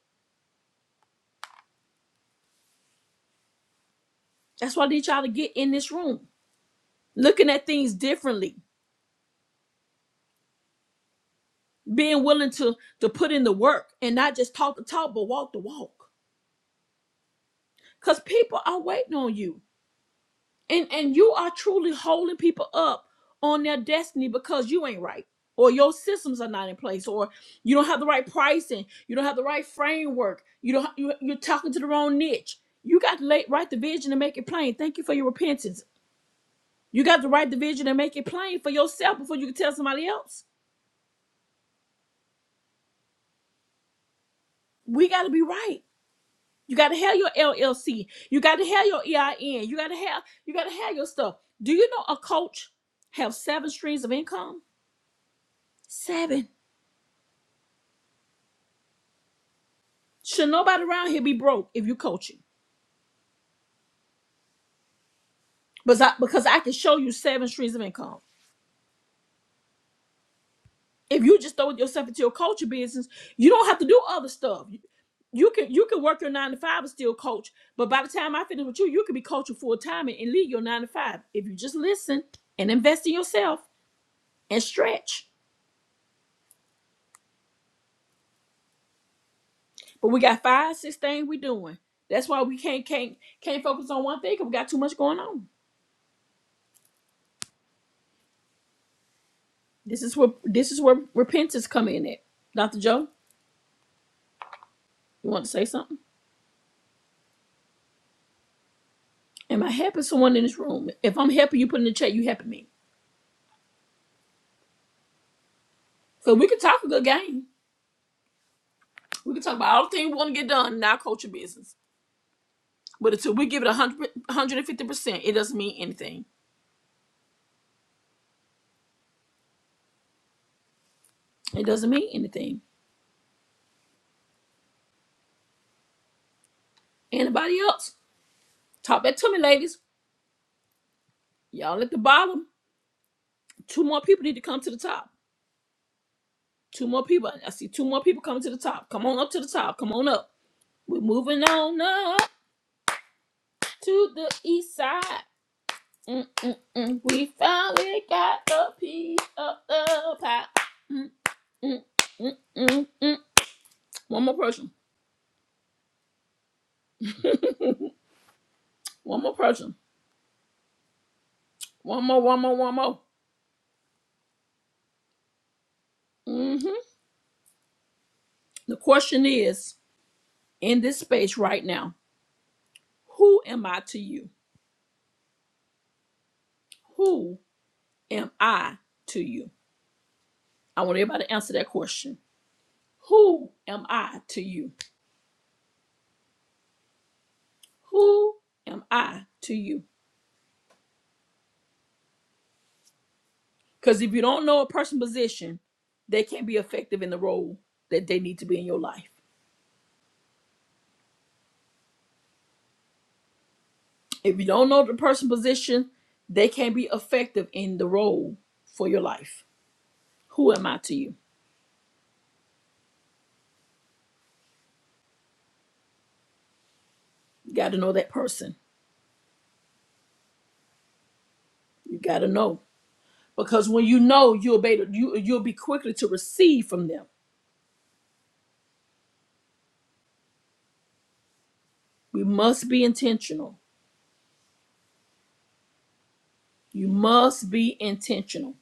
Speaker 2: That's why I need y'all to get in this room, looking at things differently being willing to to put in the work and not just talk the talk but walk the walk because people are waiting on you and and you are truly holding people up on their destiny because you ain't right or your systems are not in place or you don't have the right pricing you don't have the right framework you don't you, you're talking to the wrong niche you got to lay, write the vision and make it plain thank you for your repentance you got to write the vision and make it plain for yourself before you can tell somebody else we got to be right You got to have your LLC. You got to have your EIN. You got to have you got to have your stuff. Do you know a coach have seven streams of income? Seven. Should nobody around here be broke if you coaching? Because I, because I can show you seven streams of income. If you just throw yourself into your coaching business, you don't have to do other stuff. You can you can work your nine to five and still coach. But by the time I finish with you, you could be coaching full time and and leave your nine to five if you just listen and invest in yourself and stretch. But we got five, six things we doing. That's why we can't can't can't focus on one thing 'cause we got too much going on. This is where this is where repentance come in at. Dr. Joe, you want to say something? Am I helping someone in this room? If I'm helping you put in the chat, you helping me. So we can talk a good game. We can talk about all the things we want to get done in our culture business. But until we give it 100, 150%, it doesn't mean anything. It doesn't mean anything. Anybody else? Talk back to me, ladies. Y'all at the bottom. Two more people need to come to the top. Two more people. I see two more people coming to the top. Come on up to the top. Come on up. We're moving on up to the east side. Mm-mm-mm. We finally got a piece of the pie. Mm-mm-mm-mm-mm. One more person. One more person. One more, one more, one more. hmm The question is in this space right now, who am I to you? Who am I to you? I want everybody to answer that question. Who am I to you? Who am I to you? Because if you don't know a person's position, they can't be effective in the role that they need to be in your life. If you don't know the person's position, they can't be effective in the role for your life. Who am I to you? You got to know that person. You got to know because when you know, you'll be you you'll be quickly to receive from them. We must be intentional. You must be intentional.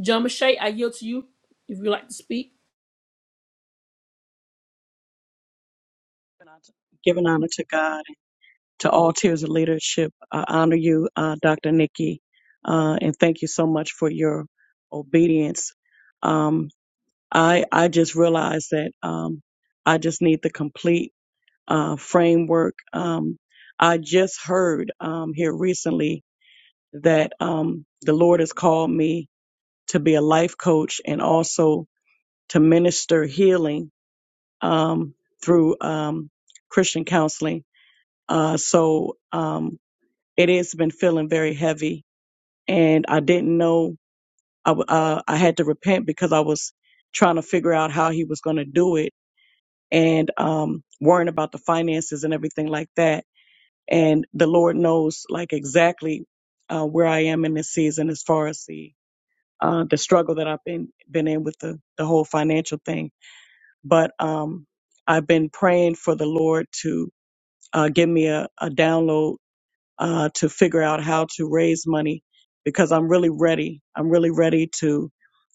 Speaker 2: John Mache, I yield to you if you'd like to speak.
Speaker 6: Giving honor to God, to all tiers of leadership. I honor you, uh, Dr. Nikki, uh, and thank you so much for your obedience. Um, I I just realized that um, I just need the complete uh, framework. Um, I just heard um, here recently that um, the Lord has called me to be a life coach and also to minister healing um, through um, Christian counseling Uh, so um, it has been feeling very heavy, and I didn't know I, w- uh, I had to repent because I was trying to figure out how he was going to do it and um, worrying about the finances and everything like that. And the Lord knows like exactly uh, where I am in this season as far as the uh, the struggle that I've been been in with the the whole financial thing. But um, I've been praying for the Lord to uh, give me a, a download uh, to figure out how to raise money because I'm really ready. I'm really ready to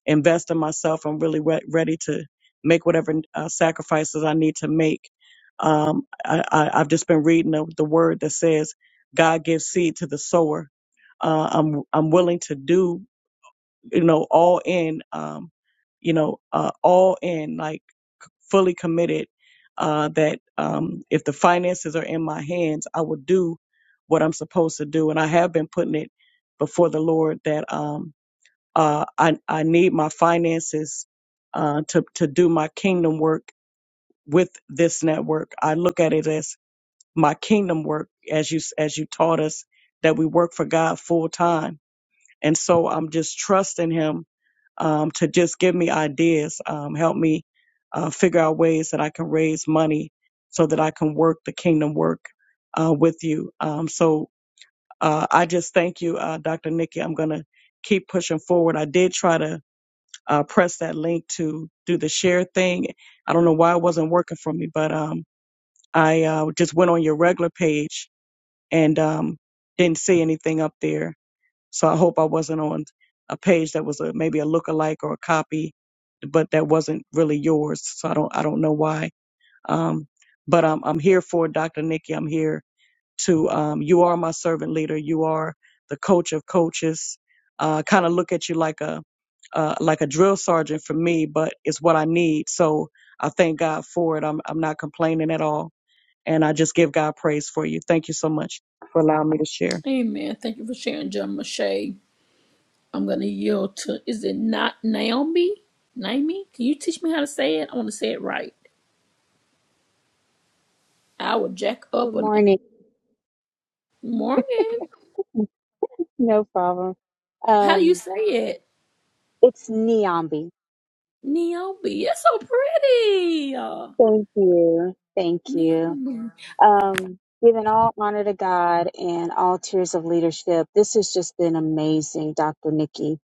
Speaker 6: invest in myself. I'm really re- ready to make whatever uh, sacrifices I need to make. Um, I, I, I've just been reading the, the word that says God gives seed to the sower. Uh, I'm I'm willing to do you know all in um, you know uh, all in like fully committed uh, that um, if the finances are in my hands, I will do what I'm supposed to do. And I have been putting it before the Lord that um, uh, I, I need my finances uh, to, to do my kingdom work with this network. I look at it as my kingdom work, as you, as you taught us, that we work for God full time and so I'm just trusting him um, to just give me ideas, um, help me uh, figure out ways that I can raise money so that I can work the kingdom work uh, with you. Um, so uh, I just thank you, uh, Dr. Nikki. I'm going to keep pushing forward. I did try to uh, press that link to do the share thing. I don't know why it wasn't working for me, but um, I uh, just went on your regular page and um, didn't see anything up there so I hope I wasn't on a page that was a, maybe a lookalike or a copy, but that wasn't really yours. So I don't I don't know why. Um, but I'm I'm here for Dr. Nikki. I'm here to um, you are my servant leader. You are the coach of coaches. Uh, kind of look at you like a uh, like a drill sergeant for me, but it's what I need. So I thank God for it. I'm I'm not complaining at all, and I just give God praise for you. Thank you so much for allowing me to share.
Speaker 2: Amen. Thank you for sharing, John Mache. I'm gonna yield to is it not Naomi? Naomi? Can you teach me how to say it? I wanna say it right. I will jack
Speaker 7: Good
Speaker 2: up on name.
Speaker 7: morning.
Speaker 2: Morning.
Speaker 7: No problem.
Speaker 2: How you
Speaker 7: Um,
Speaker 2: say it?
Speaker 7: it's Niambi.
Speaker 2: Naomi. It's so pretty. Uh,
Speaker 7: Thank you. Thank you.
Speaker 2: Naomi.
Speaker 7: Um, giving all honor to God and all tiers of leadership. This has just been amazing, Dr. Nikki.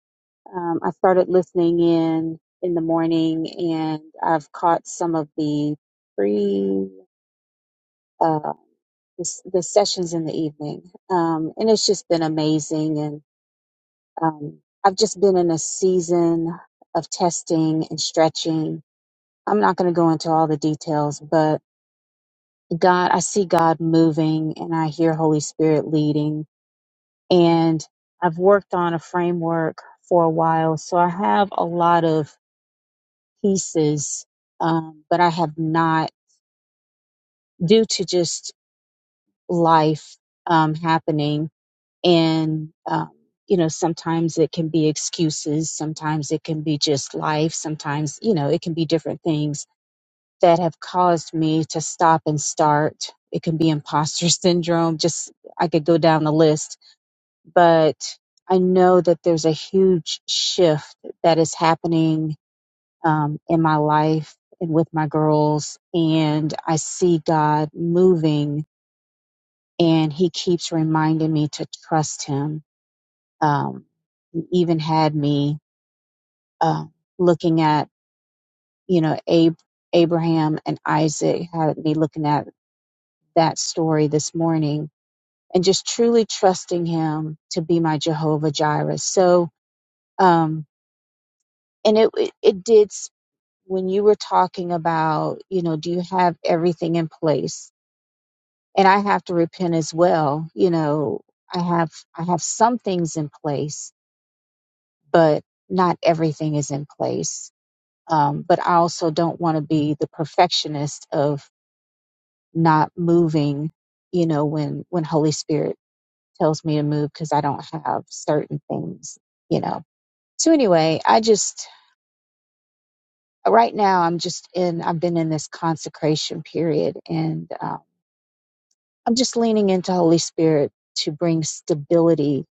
Speaker 7: Um, I started listening in in the morning and I've caught some of the free, uh, the, s- the sessions in the evening. Um, and it's just been amazing. Um, I've just been in a season of testing and stretching. I'm not going to go into all the details, but God, I see God moving and I hear Holy Spirit leading. And I've worked on a framework for a while, so I have a lot of pieces, um, but I have not, due to just life um, happening, and um, you know sometimes it can be excuses sometimes it can be just life sometimes you know it can be different things that have caused me to stop and start it can be imposter [laughs] syndrome just i could go down the list but i know that there's a huge shift that is happening um, in my life and with my girls and i see god moving and he keeps reminding me to trust him um, he even had me uh, looking at, you know, Ab- Abraham and Isaac, had me looking at that story this morning and just truly trusting him to be my Jehovah Jireh. So, um, and it, it, it did, s- when you were talking about, you know, do you have everything in place? And I have to repent as well. You know, I have, I have some things in place, but not everything is in place um, but I also don't want to be the perfectionist of not moving, you know, when when Holy Spirit tells me to move because I don't have certain things, you know. So anyway, I just right now I'm just in I've been in this consecration period, and um, I'm just leaning into Holy Spirit to bring stability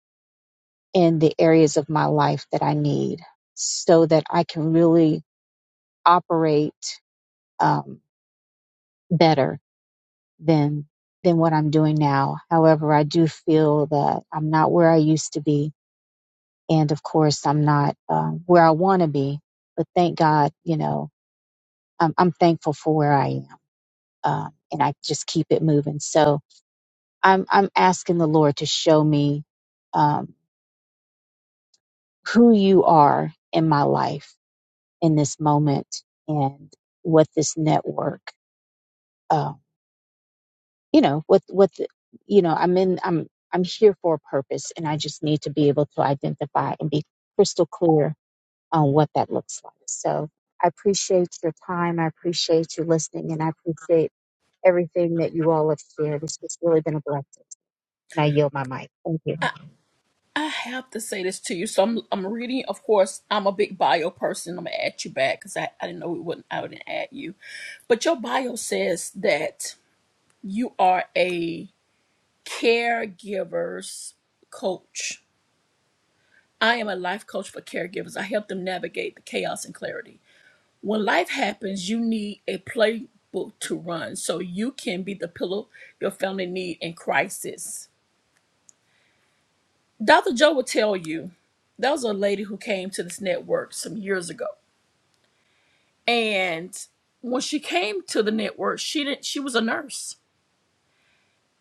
Speaker 7: in the areas of my life that I need, so that I can really operate um, better than than what I'm doing now. However, I do feel that I'm not where I used to be, and of course, I'm not um, where I want to be. But thank God, you know, I'm, I'm thankful for where I am, um, and I just keep it moving. So I'm I'm asking the Lord to show me um, who you are in my life in this moment and what this network. um, you know with with you know i'm in i'm i'm here for a purpose and i just need to be able to identify and be crystal clear on what that looks like so i appreciate your time i appreciate you listening and i appreciate everything that you all have shared it's just really been a blessing and i yield my mic thank you
Speaker 2: I, I have to say this to you. So I'm I'm reading, of course, I'm a big bio person. I'm gonna add you back because I, I didn't know it wouldn't I wouldn't add you. But your bio says that you are a caregiver's coach I am a life coach for caregivers. I help them navigate the chaos and clarity. When life happens, you need a playbook to run so you can be the pillow your family need in crisis. Dr. Joe will tell you there was a lady who came to this network some years ago. And when she came to the network, she didn't she was a nurse.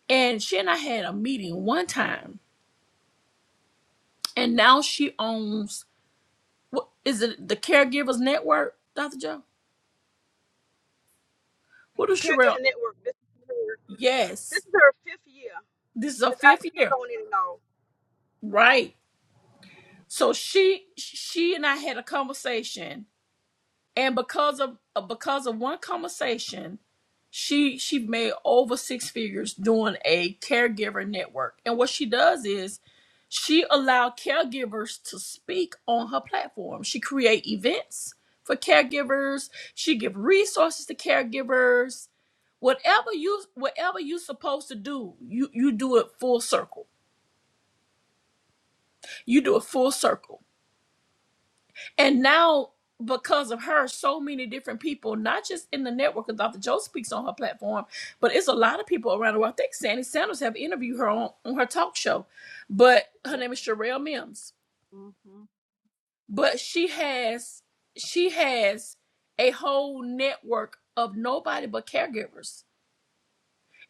Speaker 2: And she and I had a meeting one time. And now she owns what is it the caregivers network, Dr. Joe? What is Sherelle?
Speaker 3: caregiver network. This is her. This
Speaker 2: Yes.
Speaker 3: is her fifth year
Speaker 2: This is her
Speaker 3: because I
Speaker 2: fifth
Speaker 3: speak
Speaker 2: year,
Speaker 3: on it and
Speaker 2: right? So she she and I had a conversation, and because of uh, because of one conversation, she she made over six figures doing a caregiver network. And what she does is she allowed caregivers to speak on her platform. She create events for caregivers. She give resources to caregivers. Whatever you whatever you supposed to do, you you do it full circle. You do it full circle. And now, because of her, so many different people, not just in the network, because Dr. Joe speaks on her platform, but it's a lot of people around the world. I think Sandy Sanders have interviewed her on, on her talk show. But her name is Sherelle Mims.
Speaker 4: life. Yep.
Speaker 2: But she has she has a whole network of nobody but caregivers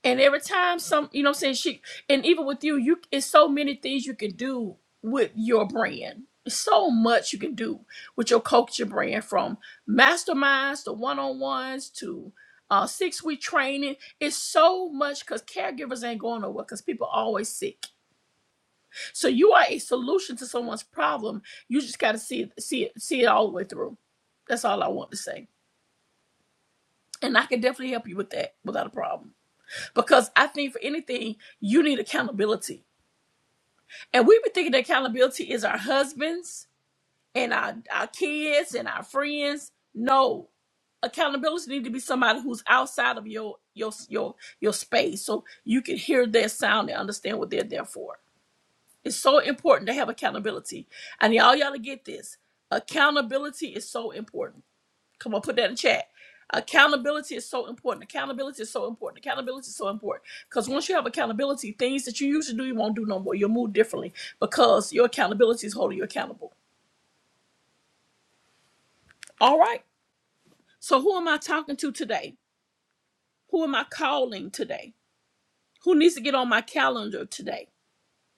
Speaker 2: and every time some, you know what I'm saying, she and even with you, you it's so many things you can do with your brand. It's so much you can do with your culture brand from masterminds to one-on-ones to uh, six-week training. It's so much because caregivers ain't going nowhere because people are always sick. So you are a solution to someone's problem. You just gotta see it, see it, see it all the way through. That's all I want to say. And I can definitely help you with that without a problem. Because I think for anything, you need accountability. And we be thinking that accountability is our husbands and our, our kids and our friends. No. Accountability need to be somebody who's outside of your your your your space so you can hear their sound and understand what they're there for. It's so important to have accountability. And y'all y'all to get this. Accountability is so important Come on, put that in chat. Accountability is so important. Accountability is so important. Accountability is so important. Because once you have accountability, things that you used to do, you won't do no more. You'll move differently because your accountability is holding you accountable. All right. So, who am I talking to today? Who am I calling today? Who needs to get on my calendar today?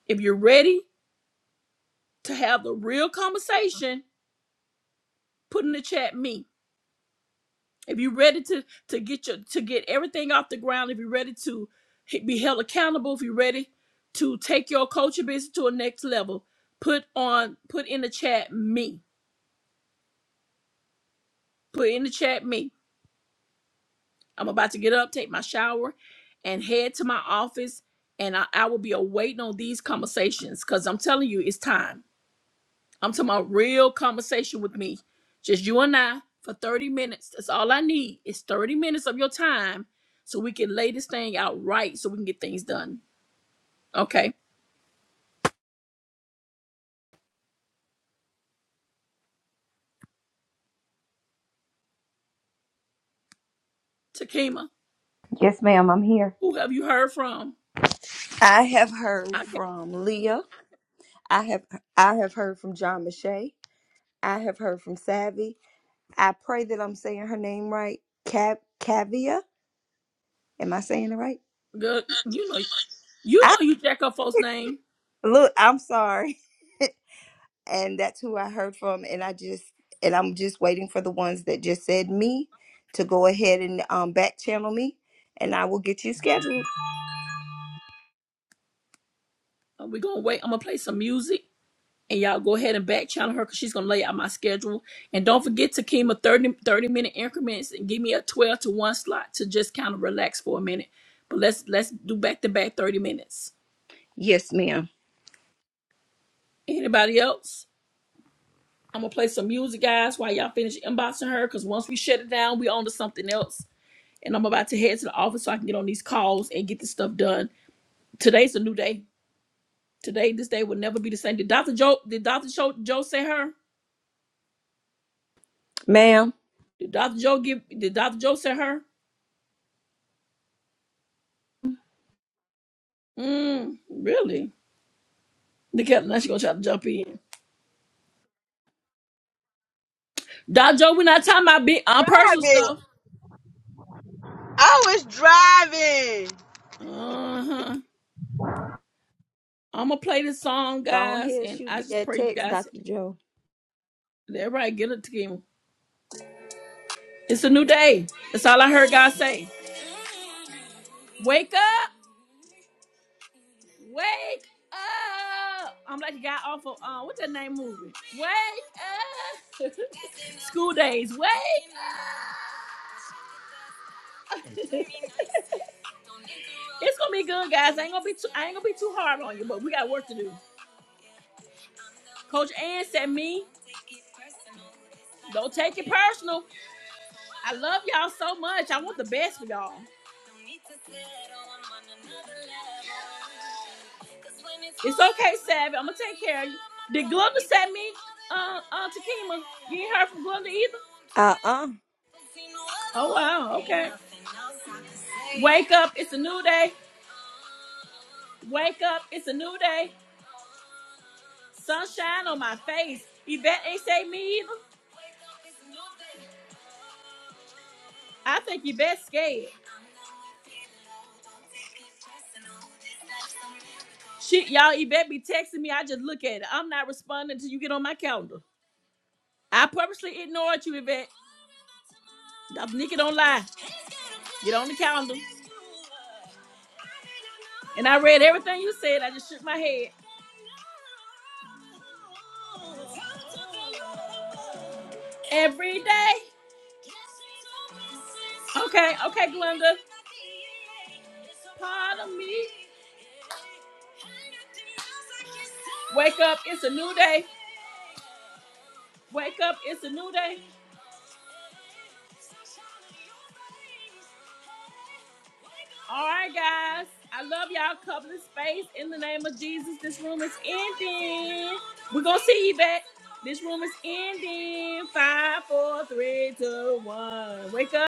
Speaker 2: If you're ready to have the real conversation, put in the chat me. if you're ready to to get your to get everything off the ground if you're ready to he- be held accountable if you're ready to take your culture business to a next level put on put in the chat me put in the chat me i'm about to get up take my shower and head to my office and i, I will be awaiting on these conversations because i'm telling you it's time I'm talking about real conversation with me. Just you and I for 30 minutes. That's all I need is 30 minutes of your time so we can lay this thing out right so we can get things done. Okay. Takima,
Speaker 1: Yes, ma'am, I'm here.
Speaker 2: who have you heard from?
Speaker 1: I have heard
Speaker 2: I can
Speaker 1: from Leah. I have I have heard from John Mache. I have heard from Savvy. I pray that I'm saying her name right. Cav Cavia. Am I saying it right?
Speaker 2: good. You know you
Speaker 1: I
Speaker 2: know you jack up folks' name.
Speaker 1: look, I'm sorry. [laughs] And that's who I heard from and I just and I'm just waiting for the ones that just said me to go ahead and um back channel me and I will get you scheduled.
Speaker 2: We're gonna wait. I'm gonna play some music. and y'all go ahead and back channel her because she's gonna lay out my schedule. And don't forget to Kima 30, 30 minute increments and give me a 12 to 1 slot to just kind of relax for a minute. But let's let's do back to back 30 minutes.
Speaker 1: Yes, ma'am.
Speaker 2: Anybody else? I'm gonna play some music, guys, while y'all finish inboxing her. Cause once we shut it down, we on to something else. And I'm about to head to the office so I can get on these calls and get this stuff done. Today's a new day. Today, this day will never be the same. Did Dr. Joe did Dr. Joe, Joe say her?
Speaker 1: Ma'am.
Speaker 2: Did Dr. Joe give did Dr. Joe say her? Mm, really? Look at now she gonna try to jump in. Doc Joe, we're not talking about big on personal
Speaker 3: all.
Speaker 2: stuff.
Speaker 3: I was driving.
Speaker 2: Uh huh. I'm gonna play this song,
Speaker 1: Go
Speaker 2: guys,
Speaker 1: ahead,
Speaker 2: and
Speaker 1: shoot
Speaker 2: I
Speaker 1: me
Speaker 2: just
Speaker 1: that
Speaker 2: pray you
Speaker 1: text,
Speaker 2: guys
Speaker 1: Dr. Joe.
Speaker 2: that everybody get it together. It's a new day. That's all I heard God say. Wake up, wake up. I'm like the guy off of uh, what's that name movie? Wake up. [laughs] School days. Wake. up. [laughs] it's gonna be good, guys. I ain't gonna be too. I ain't gonna be too hard on you, but we got work to do. Coach Ann said me. Don't take it personal. I love y'all so much. I want the best for y'all. It's okay, Savvy. I'm gonna take care of you. Did Glenda send me uh uh Takima? You ain't heard from Glenda either?
Speaker 1: Uh uh
Speaker 2: Oh wow, okay. Wake up, it's a new day. Wake up, it's a new day. Sunshine on my face. Yvette ain't say me either. I think Yvette's scared. Shit, y'all, Yvette be texting me. I just look at it. I'm not responding until you get on my calendar. I purposely ignored you, Yvette. I'm Nikki don't lie. Get on the calendar. And I read everything you said. I just shook my head. Every day. Okay, okay, Glenda. Pardon me. Wake up, it's a new day. Wake up, it's a new day. All right, guys. I love y'all. Cover the space in the name of Jesus. This room is ending. We're gonna see you back. This room is ending. Five, four, three, two, one. Wake up.